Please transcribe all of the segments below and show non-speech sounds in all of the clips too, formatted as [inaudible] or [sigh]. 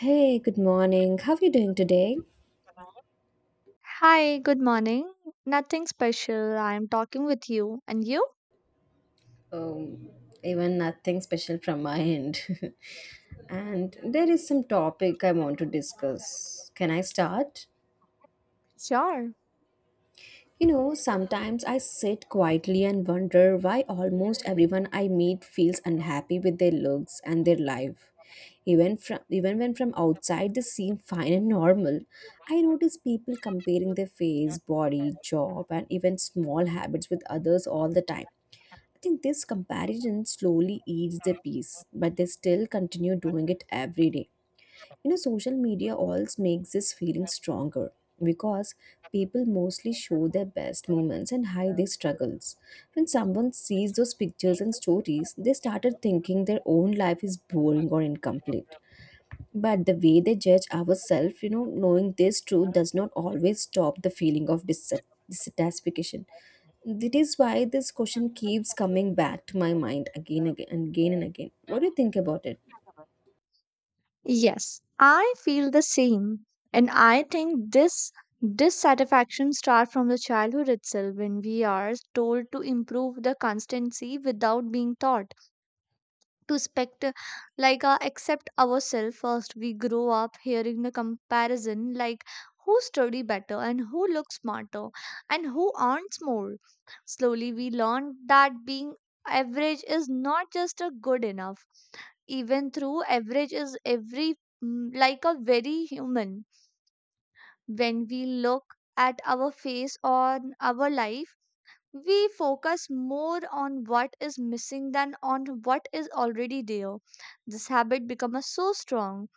Hey, good morning. How are you doing today? Hi, good morning. Nothing special. I am talking with you. And you? um, Even nothing special from my end. [laughs] And there is some topic I want to discuss. Can I start? Sure. You know, sometimes I sit quietly and wonder why almost everyone I meet feels unhappy with their looks and their life. Even from even when from outside they seem fine and normal. I notice people comparing their face, body, job, and even small habits with others all the time. I think this comparison slowly eats their peace, but they still continue doing it every day. You know, social media also makes this feeling stronger because people mostly show their best moments and hide their struggles. When someone sees those pictures and stories, they started thinking their own life is boring or incomplete. But the way they judge ourselves, knowing this truth does not always stop the feeling of dissatisfaction. That is why this question keeps coming back to my mind again, again, and again and again. What do you think about it? Yes, I feel the same. And I think this dissatisfaction starts from the childhood itself when we are told to improve the constancy without being taught. To spect like accept ourselves first we grow up hearing the comparison like who study better and who looks smarter and who earns more slowly we learn that being average is not just a good enough even through average is every like a very human when we look at our face or our life we focus more on what is missing than on what is already there. This habit becomes so strong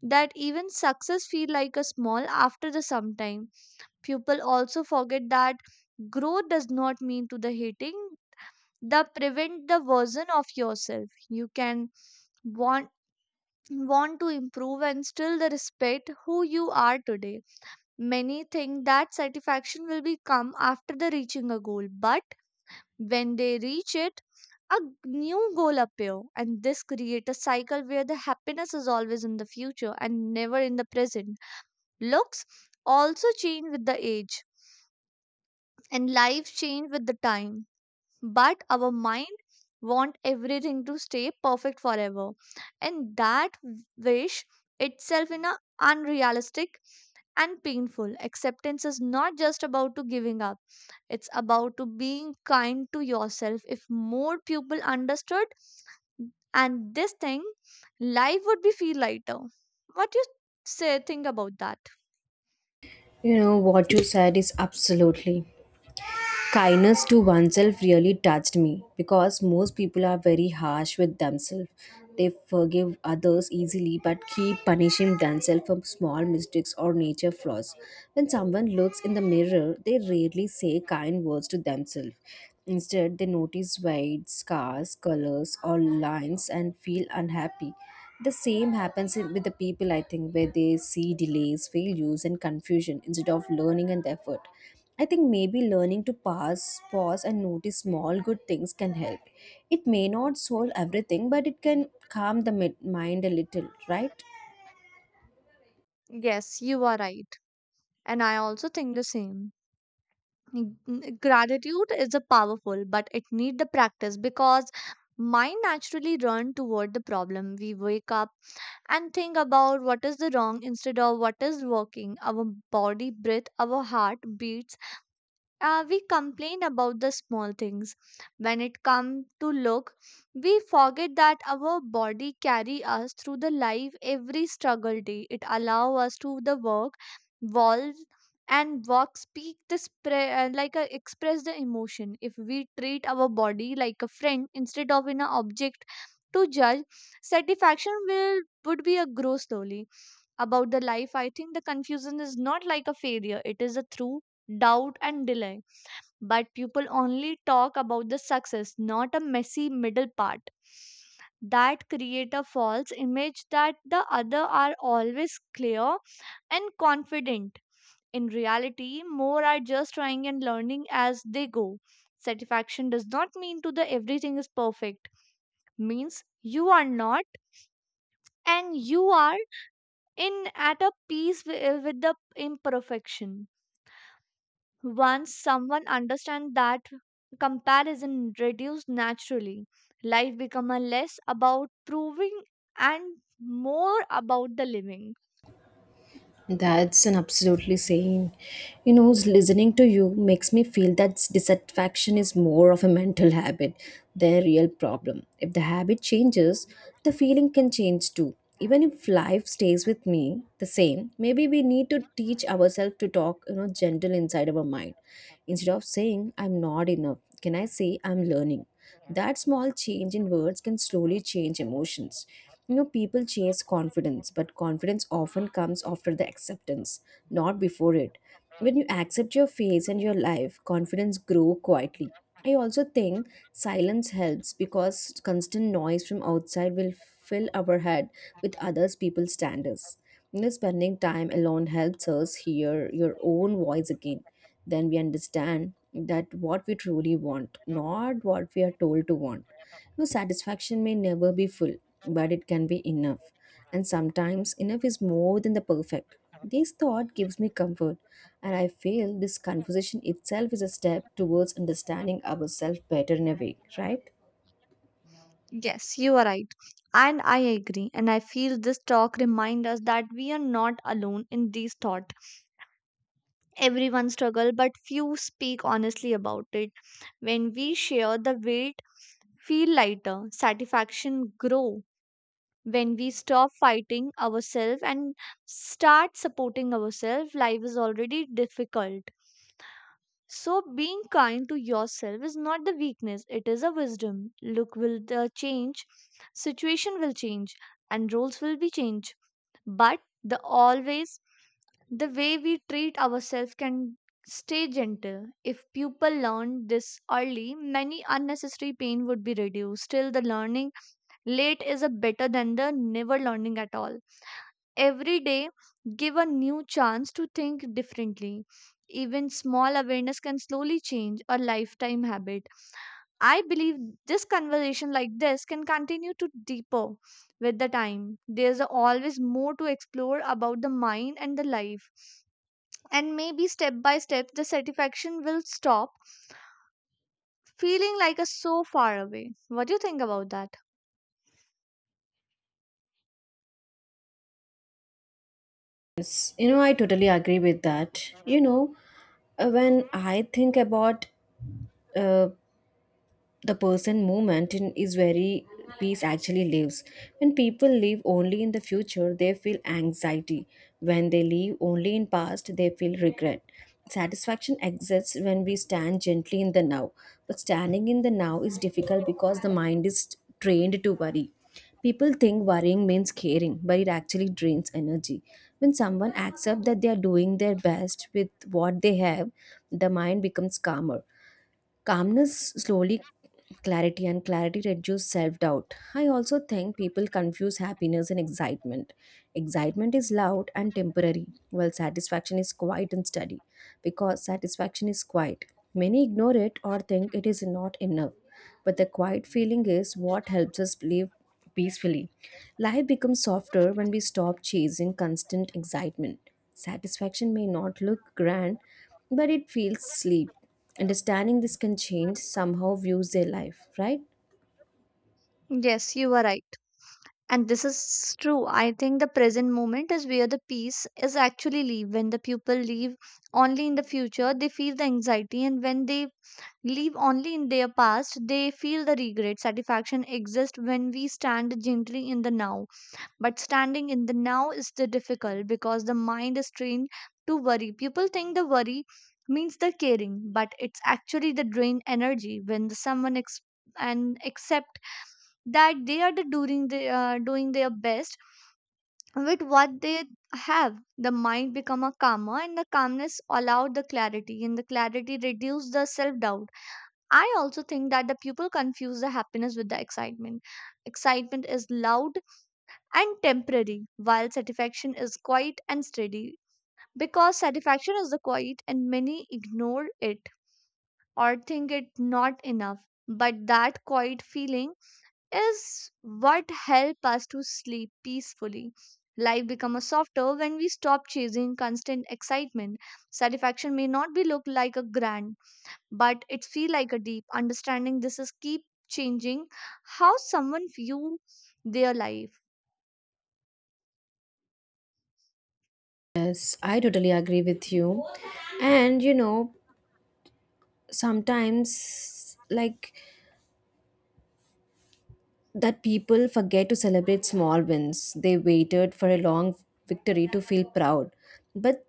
that even success feel like a small after the sometime. People also forget that growth does not mean to the hating the prevent the version of yourself. You can want want to improve and still the respect who you are today. Many think that satisfaction will be come after the reaching a goal, but when they reach it, a new goal appear and this creates a cycle where the happiness is always in the future and never in the present. Looks also change with the age and life change with the time. But our mind want everything to stay perfect forever. And that wish itself in a unrealistic and painful. Acceptance is not just about to giving up. It's about to being kind to yourself. If more people understood and this thing, life would be feel lighter. What you say think about that? You know, what you said is absolutely. Kindness to oneself really touched me because most people are very harsh with themselves. They forgive others easily but keep punishing themselves for small mistakes or nature flaws. When someone looks in the mirror, they rarely say kind words to themselves. Instead, they notice white scars, colors, or lines and feel unhappy. The same happens with the people, I think, where they see delays, failures, and confusion instead of learning and effort. I think maybe learning to pause, and notice small good things can help. It may not solve everything, but it can calm the mind a little, right? Yes, you are right. And I also think the same. Gratitude is a powerful, but it need the practice because mind naturally run toward the problem. We wake up and think about what is the wrong instead of what is working. Our body breath, our heart beats we complain about the small things when it comes to look we forget that our body carry us through the life every struggle day it allow us to the work evolve and walk speak the express the emotion if we treat our body like a friend instead of an object to judge satisfaction will would be a grow slowly about the life I think the confusion is not like a failure it is a through doubt and delay but people only talk about the success, not a messy middle part. That create a false image that the other are always clear and confident. In reality, more are just trying and learning as they go. Satisfaction does not mean to the everything is perfect. Means you are not and you are in at a peace with the imperfection. Once someone understands that comparison reduces naturally, life becomes less about proving and more about the living. That's an absolutely saying. You know, listening to you makes me feel that dissatisfaction is more of a mental habit than a real problem. If the habit changes, the feeling can change too. Even if life stays with me the same, maybe we need to teach ourselves to talk, you know, gentle inside our mind. Instead of saying, I'm not enough, can I say, I'm learning? That small change in words can slowly change emotions. You know, people chase confidence, but confidence often comes after the acceptance, not before it. When you accept your phase and your life, confidence grow quietly. I also think silence helps because constant noise from outside will fill our head with others people's standards. You know, spending time alone helps us hear your own voice again, then we understand that what we truly want, not what we are told to want. No satisfaction may never be full, but it can be enough. And sometimes enough is more than the perfect. This thought gives me comfort, and I feel this conversation itself is a step towards understanding ourselves better in a way, right? Yes, you are right. And I agree. And I feel this talk reminds us that we are not alone in these thoughts. Everyone struggles, but few speak honestly about it. When we share the weight, feel lighter, satisfaction grow, when we stop fighting ourselves and start supporting ourselves, life is already difficult. So, being kind to yourself is not the weakness, it is a wisdom. Look will the change, situation will change, and roles will be changed. But the always, the way we treat ourselves can stay gentle. If people learn this early, many unnecessary pain would be reduced. Still, the learning late is a better than the never learning at all. Every day, give a new chance to think differently. Even small awareness can slowly change a lifetime habit. I believe this conversation like this can continue to deeper with the time. There's always more to explore about the mind and the life. And maybe step by step, the satisfaction will stop feeling like a so far away. What do you think about that? You know, I totally agree with that. When I think about uh, the person moment in is very peace actually lives. When people live only in the future, they feel anxiety. When they live only in past, they feel regret. Satisfaction exists when we stand gently in the now, but standing in the now is difficult because the mind is trained to worry. People think worrying means caring, but it actually drains energy. When someone accepts that they are doing their best with what they have, the mind becomes calmer. Calmness slowly clarity, and clarity reduce self-doubt. I also think people confuse happiness and excitement. Excitement is loud and temporary, while satisfaction is quiet and steady. Because satisfaction is quiet, many ignore it or think it is not enough, but the quiet feeling is what helps us live peacefully. Life becomes softer when we stop chasing constant excitement. Satisfaction may not look grand, but it feels sleep. Understanding this can change somehow views their life, right? Yes, you are right. And this is true. I think the present moment is where the peace is actually leave. When the people leave only in the future, they feel the anxiety, and when they leave only in their past, they feel the regret. Satisfaction exists when we stand gently in the now. But standing in the now is the difficult because the mind is trained to worry. People think the worry means the caring, but it's actually the drained energy when and accept that they are the doing their best with what they have the mind become a calmer and the calmness allowed the clarity and the clarity reduced the self-doubt. I also think that the people confuse the happiness with the excitement. Excitement is loud and temporary, while satisfaction is quiet and steady. Because satisfaction is the quiet and many ignore it or think it not enough, but that quiet feeling is what help us to sleep peacefully. Life become a softer when we stop chasing constant excitement. Satisfaction may not be look like a grand, but it feel like a deep. Understanding this is keep changing how someone view their life. Yes, I totally agree with you. And you know, sometimes like that people forget to celebrate small wins. They waited for a long victory to feel proud. But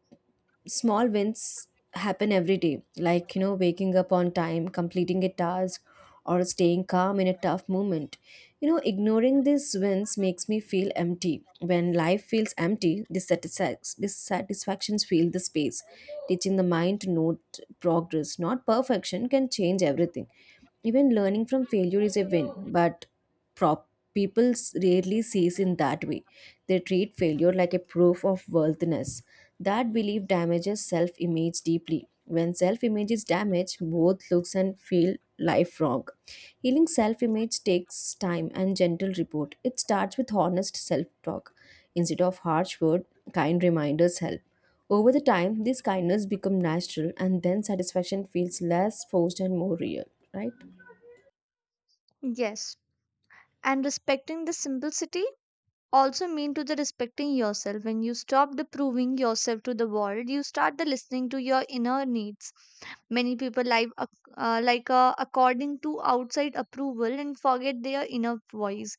small wins happen every day, like, you know, waking up on time, completing a task, or staying calm in a tough moment. You know, ignoring these wins makes me feel empty. When life feels empty, dissatisfactions fill the space. Teaching the mind to note progress, not perfection, can change everything. Even learning from failure is a win, but prop people rarely sees in that way. They treat failure like a proof of worthiness. That belief damages self-image deeply. When self-image is damaged, both looks and feel life wrong. Healing self-image takes time and gentle report. It starts with honest self-talk instead of harsh word. Kind reminders help. Over the time, this kindness become natural, and then satisfaction feels less forced and more real, right? Yes. And respecting the simplicity also mean to the respecting yourself. When you stop the proving yourself to the world, you start the listening to your inner needs. Many people live according to outside approval and forget their inner voice.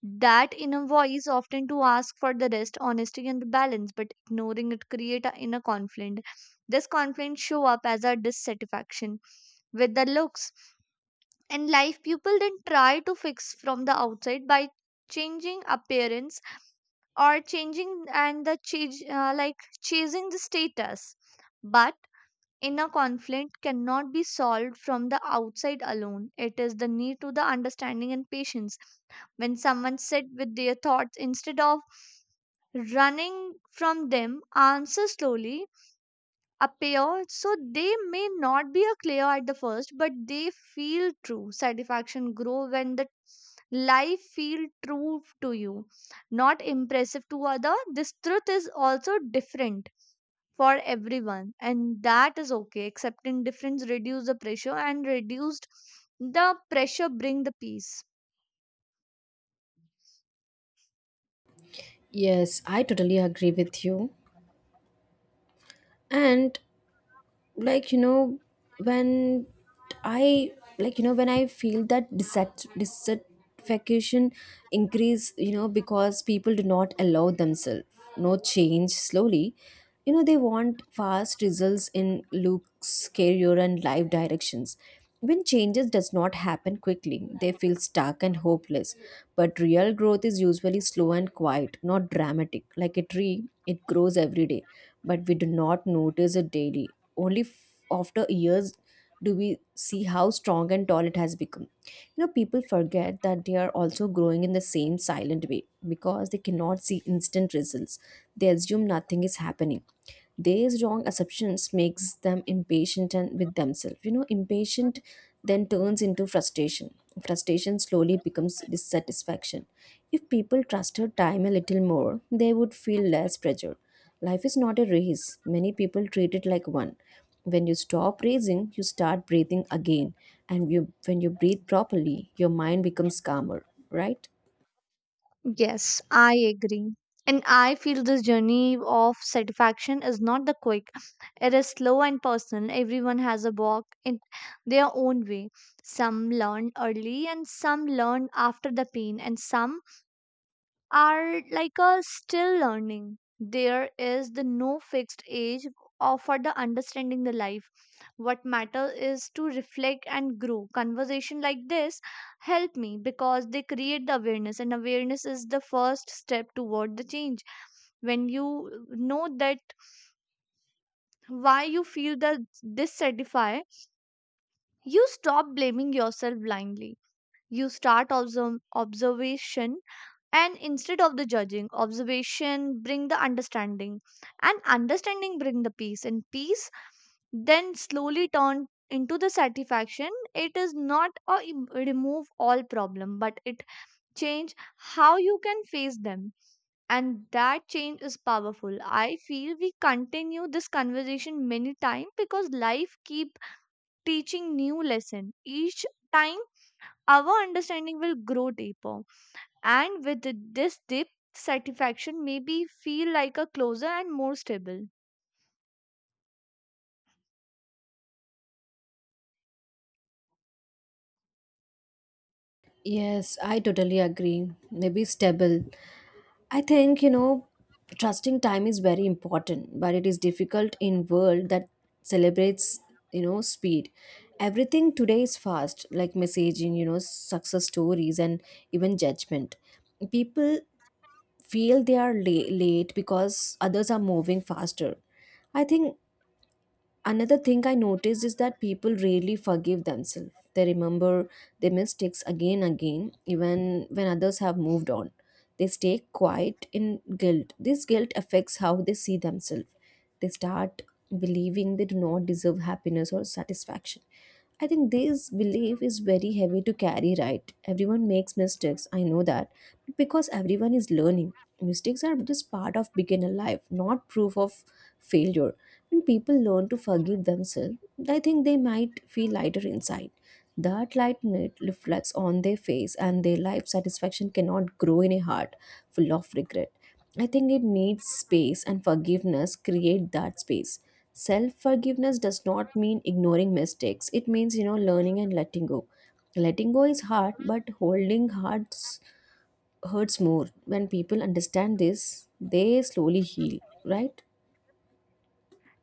That inner voice often to ask for the rest, honesty, and balance, but ignoring it create a inner conflict. This conflict show up as a dissatisfaction with the looks. And life people then try to fix from the outside by changing appearance or changing and the change like chasing the status. But inner conflict cannot be solved from the outside alone. It is the need to the understanding and patience. When someone sit with their thoughts instead of running from them, answers slowly appear. So they may not be a clear at the first, but they feel true. Satisfaction grow when the life feel true to you, not impressive to other. This truth is also different for everyone, and that is okay. Accepting difference reduce the pressure, and reduced the pressure bring the peace. Yes, I totally agree with you. And like you know when I like you know when I feel that dissatisfaction increase, you know, because people do not allow themselves, no change slowly. You know, they want fast results in looks, career, and life directions. When changes does not happen quickly, they feel stuck and hopeless. But real growth is usually slow and quiet, not dramatic. Like a tree, it grows every day, but we do not notice it daily. Only after years do we see how strong and tall it has become. You know, people forget that they are also growing in the same silent way. Because they cannot see instant results, they assume nothing is happening. These wrong assumptions makes them impatient and with themselves. You know, impatient then turns into frustration. Frustration slowly becomes dissatisfaction. If people trusted time a little more, they would feel less pressure. Life is not a race. Many people treat it like one. When you stop racing, you start breathing again. And you, when you breathe properly, your mind becomes calmer, right? Yes, I agree. And I feel this journey of satisfaction is not the quick, it is slow and personal. Everyone has a walk in their own way. Some learn early and some learn after the pain, and some are like a still learning. There is the no fixed age of for the understanding the life. What matters is to reflect and grow. Conversation like this help me because they create the awareness, and awareness is the first step toward the change. When you know that why you feel the dissatisfied, you stop blaming yourself blindly. You start observation, and instead of the judging observation bring the understanding, and understanding bring the peace, and peace then slowly turn into the satisfaction. It is not a remove all problem, but it change how you can face them, and that change is powerful. I feel we continue this conversation many time because life keep teaching new lesson each time. Our understanding will grow deeper, and with this deep satisfaction maybe feel like a closer and more stable. Yes, I totally agree. Maybe stable. I think, you know, trusting time is very important, but it is difficult in world that celebrates, you know, speed. Everything today is fast, like messaging, you know, success stories, and even judgment. People feel they are late because others are moving faster. I think another thing I noticed is that people rarely forgive themselves. They remember their mistakes again and again, even when others have moved on. They stay quiet in guilt. This guilt affects how they see themselves. They start believing they do not deserve happiness or satisfaction. I think this belief is very heavy to carry, right? Everyone makes mistakes, I know that. Because everyone is learning. Mistakes are just part of beginner life, not proof of failure. When people learn to forgive themselves, I think they might feel lighter inside. That lightness reflects on their face, and their life satisfaction cannot grow in a heart full of regret. I think it needs space, and forgiveness create that space. Self forgiveness does not mean ignoring mistakes. It means, you know, learning and letting go. Letting go is hard, but holding hearts hurts more. When people understand this, they slowly heal, right?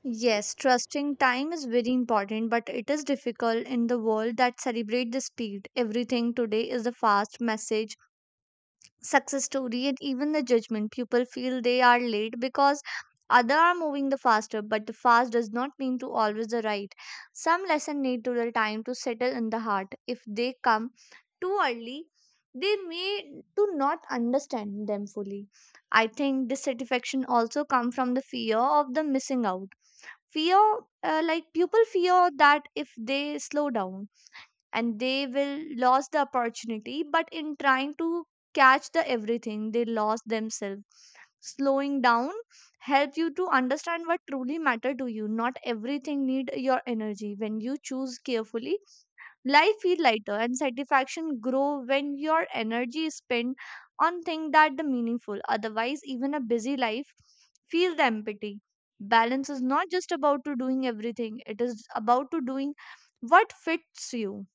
Yes, trusting time is very important, but it is difficult in the world that celebrate the speed. Everything today is a fast message, success story, and even the judgment. People feel they are late because other are moving the faster, but the fast does not mean to always the right. Some lesson need to the time to settle in the heart. If they come too early, they may do not understand them fully. I think dissatisfaction also come from the fear of the missing out. Fear, people fear that if they slow down and they will lose the opportunity, but in trying to catch the everything, they lost themselves. Slowing down help you to understand what truly matter to you. Not everything need your energy. When you choose carefully, life feel lighter and satisfaction grow when your energy is spent on things that are meaningful. Otherwise, even a busy life feel the empty. Balance is not just about to doing everything, it is about to doing what fits you.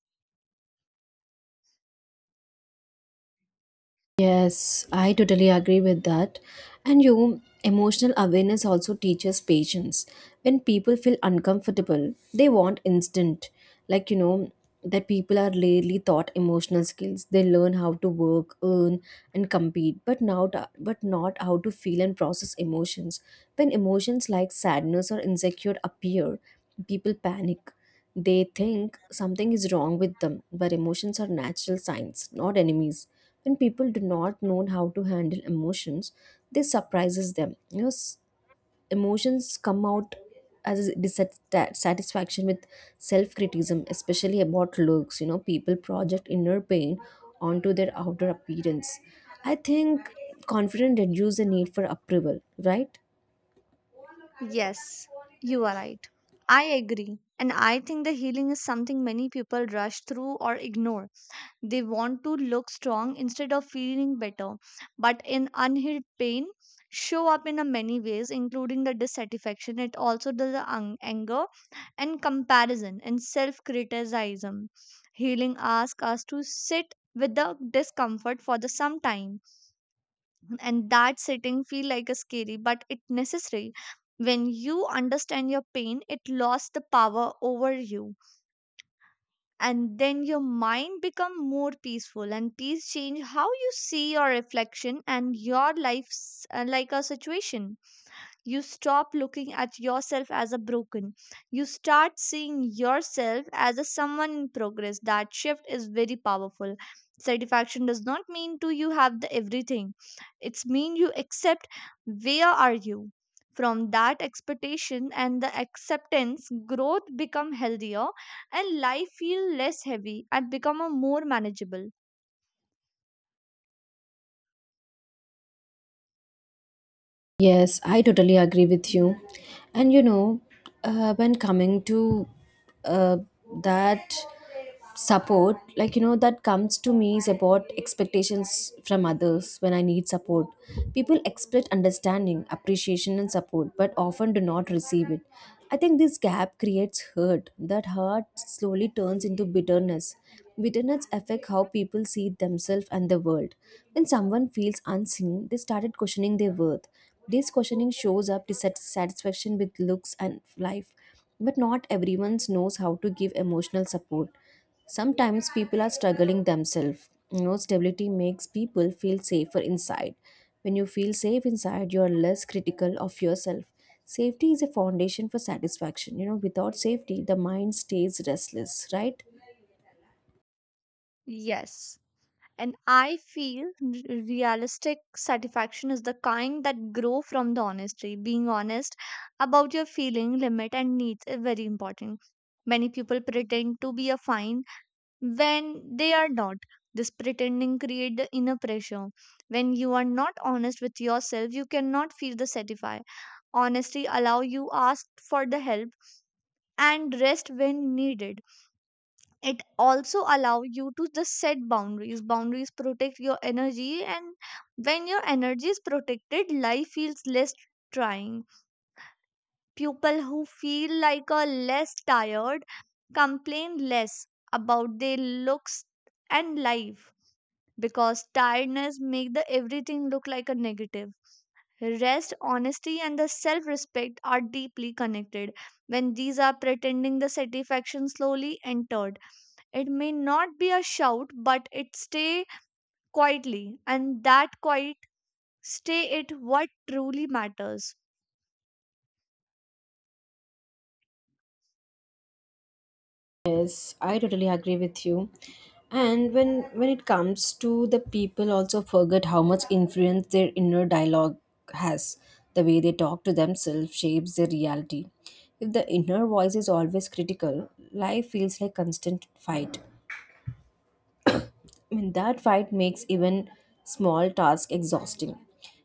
Yes, I totally agree with that. And you, emotional awareness also teaches patience. When people feel uncomfortable, they want instant. Like, you know, that people are rarely taught emotional skills. They learn how to work, earn, and compete, but not how to feel and process emotions. When emotions like sadness or insecure appear, people panic. They think something is wrong with them, but emotions are natural signs, not enemies. When people do not know how to handle emotions, this surprises them, you know. Emotions come out as a dissatisfaction with self-criticism, especially about looks. You know, people project inner pain onto their outer appearance. I think confidence reduces the need for approval, right? Yes, you are right. I agree. And I think the healing is something many people rush through or ignore. They want to look strong instead of feeling better. But in unhealed pain, show up in a many ways, including the dissatisfaction. It also does the anger and comparison and self-criticism. Healing asks us to sit with the discomfort for the some time, and that setting feel like a scary but it necessary. When you understand your pain, it lost the power over you, and then your mind become more peaceful, and peace change how you see your reflection and your like a situation. You stop looking at yourself as a broken. You start seeing yourself as a someone in progress. That shift is very powerful. Satisfaction does not mean to you have the everything. It's mean you accept where are you from that expectation, and the acceptance growth become healthier, and life feel less heavy and become a more manageable. Yes, I totally agree with you. And you know, when coming to uh, that support, like, you know, that comes to me is about expectations from others. When I need support, people expect understanding, appreciation, and support, but often do not receive it. I think this gap creates hurt. That hurt slowly turns into bitterness. Bitterness affect how people see themselves and the world. When someone feels unseen, they started questioning their worth. This questioning shows up dissatisfaction with looks and life. But not everyone knows how to give emotional support. Sometimes people are struggling themselves. You know, stability makes people feel safer inside. When you feel safe inside, you are less critical of yourself. Safety is a foundation for satisfaction. You know, without safety, the mind stays restless, right? Yes. And I feel realistic satisfaction is the kind that grow from the honesty. Being honest about your feeling limit and needs is very important. Many people pretend to be a fine when they are not. This pretending create the inner pressure. When you are not honest with yourself, you cannot feel the satisfy. Honesty allow you ask for the help and rest when needed. It also allow you to just set boundaries. Boundaries protect your energy, and when your energy is protected, life feels less trying. People who feel like a less tired complain less about their looks and life, because tiredness make the everything look like a negative. Rest, honesty, and the self respect are deeply connected. When these are pretending, the satisfaction slowly entered. It may not be a shout, but it stay quietly, and that quiet stay it what truly matters. Yes, I totally agree with you. And when it comes to the people also forget how much influence their inner dialogue has. The way they talk to themselves shapes their reality. If the inner voice is always critical, life feels like constant fight. I mean, that fight makes even small task exhausting.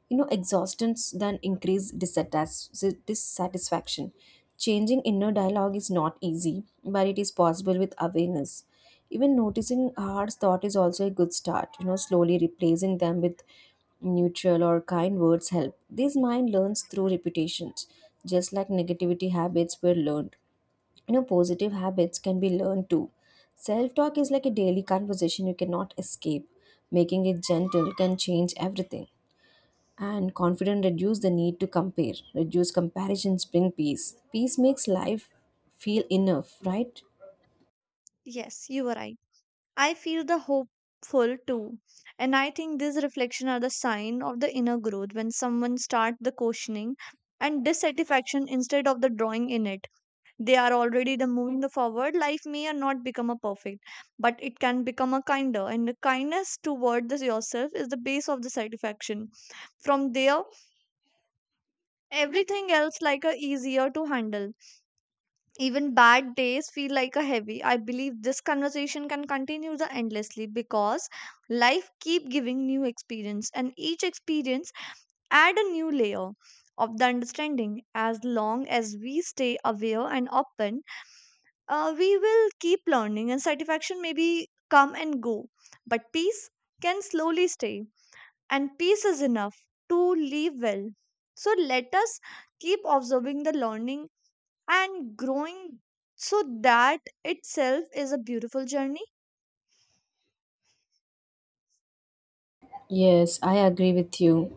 You know, exhaustions then increase dissatisfaction. Changing inner dialogue is not easy, but it is possible with awareness. Even noticing hard thought is also a good start. You know, slowly replacing them with neutral or kind words help. This mind learns through repetitions, just like negativity habits were learned. You know positive habits can be learned too. Self talk is like a daily conversation you cannot escape. Making it gentle can change everything and confident reduce the need to compare. Reduce comparisons bring peace. Peace makes life feel enough, right? Yes, you were right. I feel the hopeful too. And I think these reflections are the sign of the inner growth when someone start the questioning and dissatisfaction instead of the drawing in it. They are already the moving the forward. Life may or not become a perfect, but it can become a kinder. And the kindness toward the yourself is the base of the satisfaction. From there everything else like a easier to handle, even bad days feel like a heavy. I believe this conversation can continue the endlessly because life keep giving new experience, and each experience add a new layer of the understanding. As long as we stay aware and open, we will keep learning, and satisfaction maybe come and go, but peace can slowly stay, and peace is enough to live well. So let us keep observing the learning and growing, so that itself is a beautiful journey. Yes, I agree with you.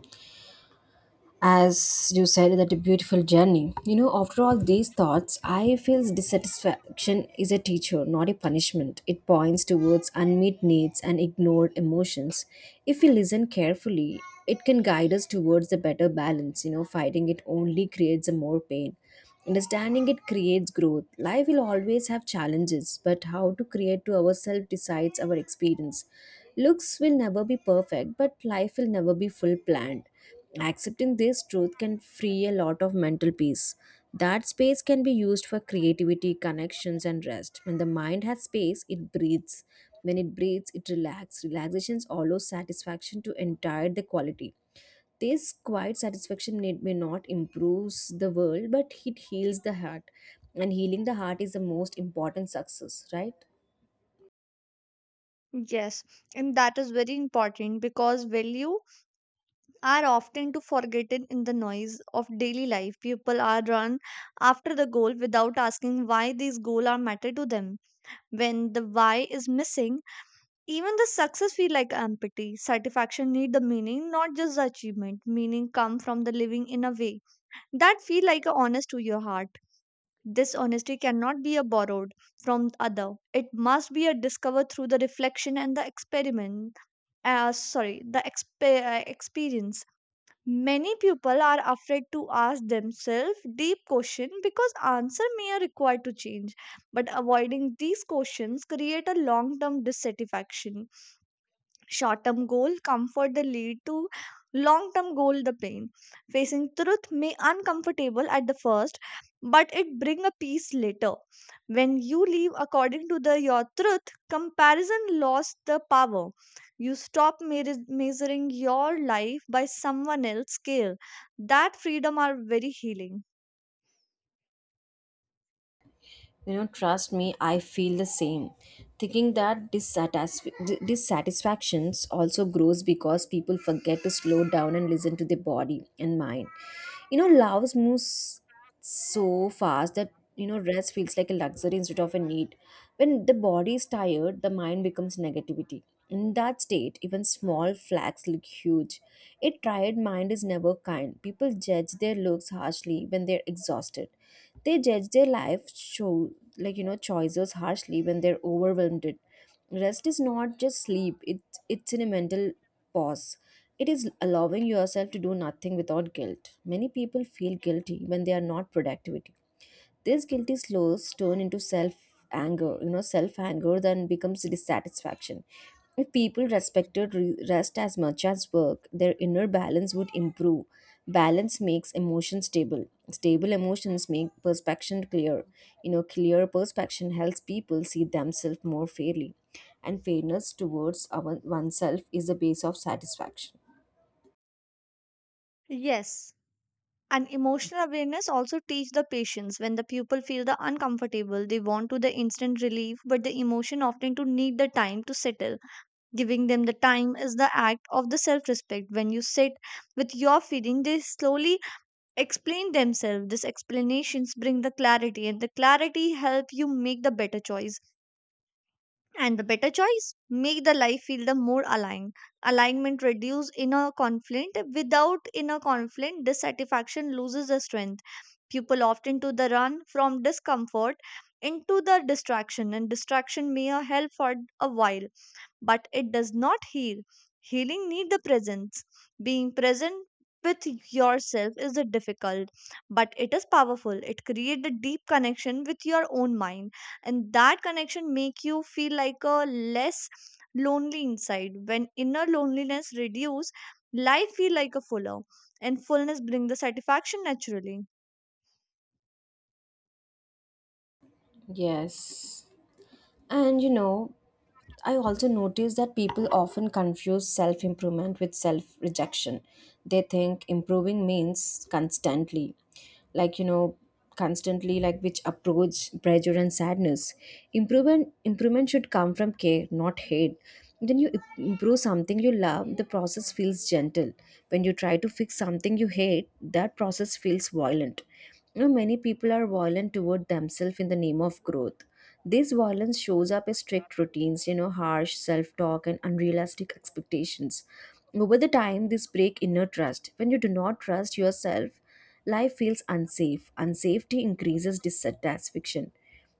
As you said, that a beautiful journey. You know after all these thoughts, I feel dissatisfaction is a teacher, not a punishment. It points towards unmet needs and ignored emotions. If we listen carefully, it can guide us towards a better balance. You know fighting it only creates a more pain. Understanding it creates growth. Life will always have challenges, but how to create to ourselves decides our experience. Looks will never be perfect, but life will never be full planned. Accepting this truth can free a lot of mental peace. That space can be used for creativity, connections, and rest. When the mind has space, it breathes. When it breathes, it relaxes. Relaxations allow satisfaction to entire the quality. This quiet satisfaction may not improves the world, but it heals the heart. And healing the heart is the most important success, right? Yes. And that is very important because value are often to forgotten in the noise of daily life. People are run after the goal without asking why these goals are matter to them. When the why is missing, even the success feel like empty. Satisfaction need the meaning, not just the achievement. Meaning come from the living in a way that feel like a honest to your heart. This honesty cannot be a borrowed from other. It must be a discovered through the reflection and the experiment. Sorry, the experience. Many people are afraid to ask themselves deep questions because answer may are required to change. But avoiding these questions create a long-term dissatisfaction. Short term goal comfort the lead to long term goal the pain. Facing truth may uncomfortable at the first, but it bring a peace later. When you live according to the your truth, comparison lost the power. You measuring your life by someone else's scale. That freedom are very healing. You know, trust me, I feel the same. Thinking that dissatisfactions also grows because people forget to slow down and listen to their body and mind. You know, love moves so fast that you know rest feels like a luxury instead of a need. When the body is tired, the mind becomes negativity. In that state, even small flags look huge. A tired mind is never kind. People judge their looks harshly when they're exhausted. They judge their life show, like, choices harshly when they're overwhelmed it. Rest is not just sleep. It's in a mental pause. It is allowing yourself to do nothing without guilt. Many people feel guilty when they are not productive. This guilty slows turn into self anger. You know, self anger then becomes dissatisfaction. If people respected rest as much as work, their inner balance would improve. Balance makes emotion stable. Stable emotions make perception clear. You know, clear perception helps people see themselves more fairly. And fairness towards our, oneself is the base of satisfaction. Yes, and emotional awareness also teach the patients. When the pupil feel the uncomfortable, they want to the instant relief, but the emotion often to need the time to settle. Giving them the time is the act of the self respect. When you sit with your feeling, they slowly explain themselves. These explanations bring the clarity, and the clarity help you make the better choice, and the better choice make the life feel the more aligned. Alignment reduce inner conflict. Without inner conflict, dissatisfaction loses the strength. People often to the run from discomfort into the distraction, and distraction may a help for a while, but it does not heal. Healing need the presence. Being present with yourself is the difficult, but it is powerful. It create a deep connection with your own mind, and that connection make you feel like a less lonely inside. When inner loneliness reduce, life feel like a fuller, and fullness bring the satisfaction naturally. Yes. And I also notice that people often confuse self improvement with self rejection. They think improving means constantly, like, you know, constantly, like which approach pressure and sadness. Improvement should come from care, not hate. When you improve something you love, the process feels gentle. When you try to fix something you hate, that process feels violent. You know, many people are violent toward themselves in the name of growth. This violence shows up as strict routines, harsh self talk, and unrealistic expectations. Over the time, this break inner trust. When you do not trust yourself, life feels unsafe. Unsafety increases dissatisfaction.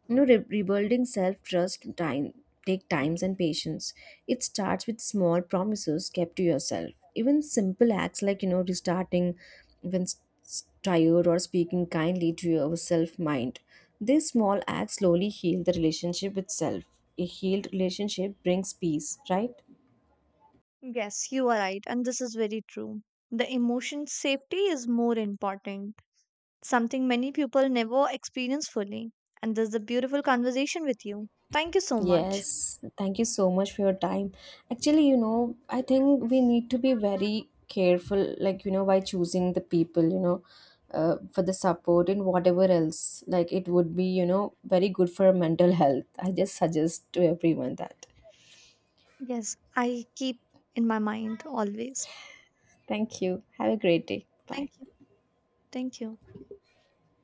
You know, re- rebuilding self trust time take times and patience. It starts with small promises kept to yourself. Even simple acts like restarting when tired or speaking kindly to yourself mind. These small acts slowly heal the relationship itself. A healed relationship brings peace, right? Yes, you are right, and this is very true. The emotion safety is more important, something many people never experience fully. And this is a beautiful conversation with you. Thank you so much. Yes, thank you so much for your time. Actually, I think we need to be very careful, by choosing the people, for the support and whatever else. Like, it would be, very good for mental health. I just suggest to everyone that. Yes, I keep in my mind always. Thank you. Have a great day. Bye. Thank you. Thank you.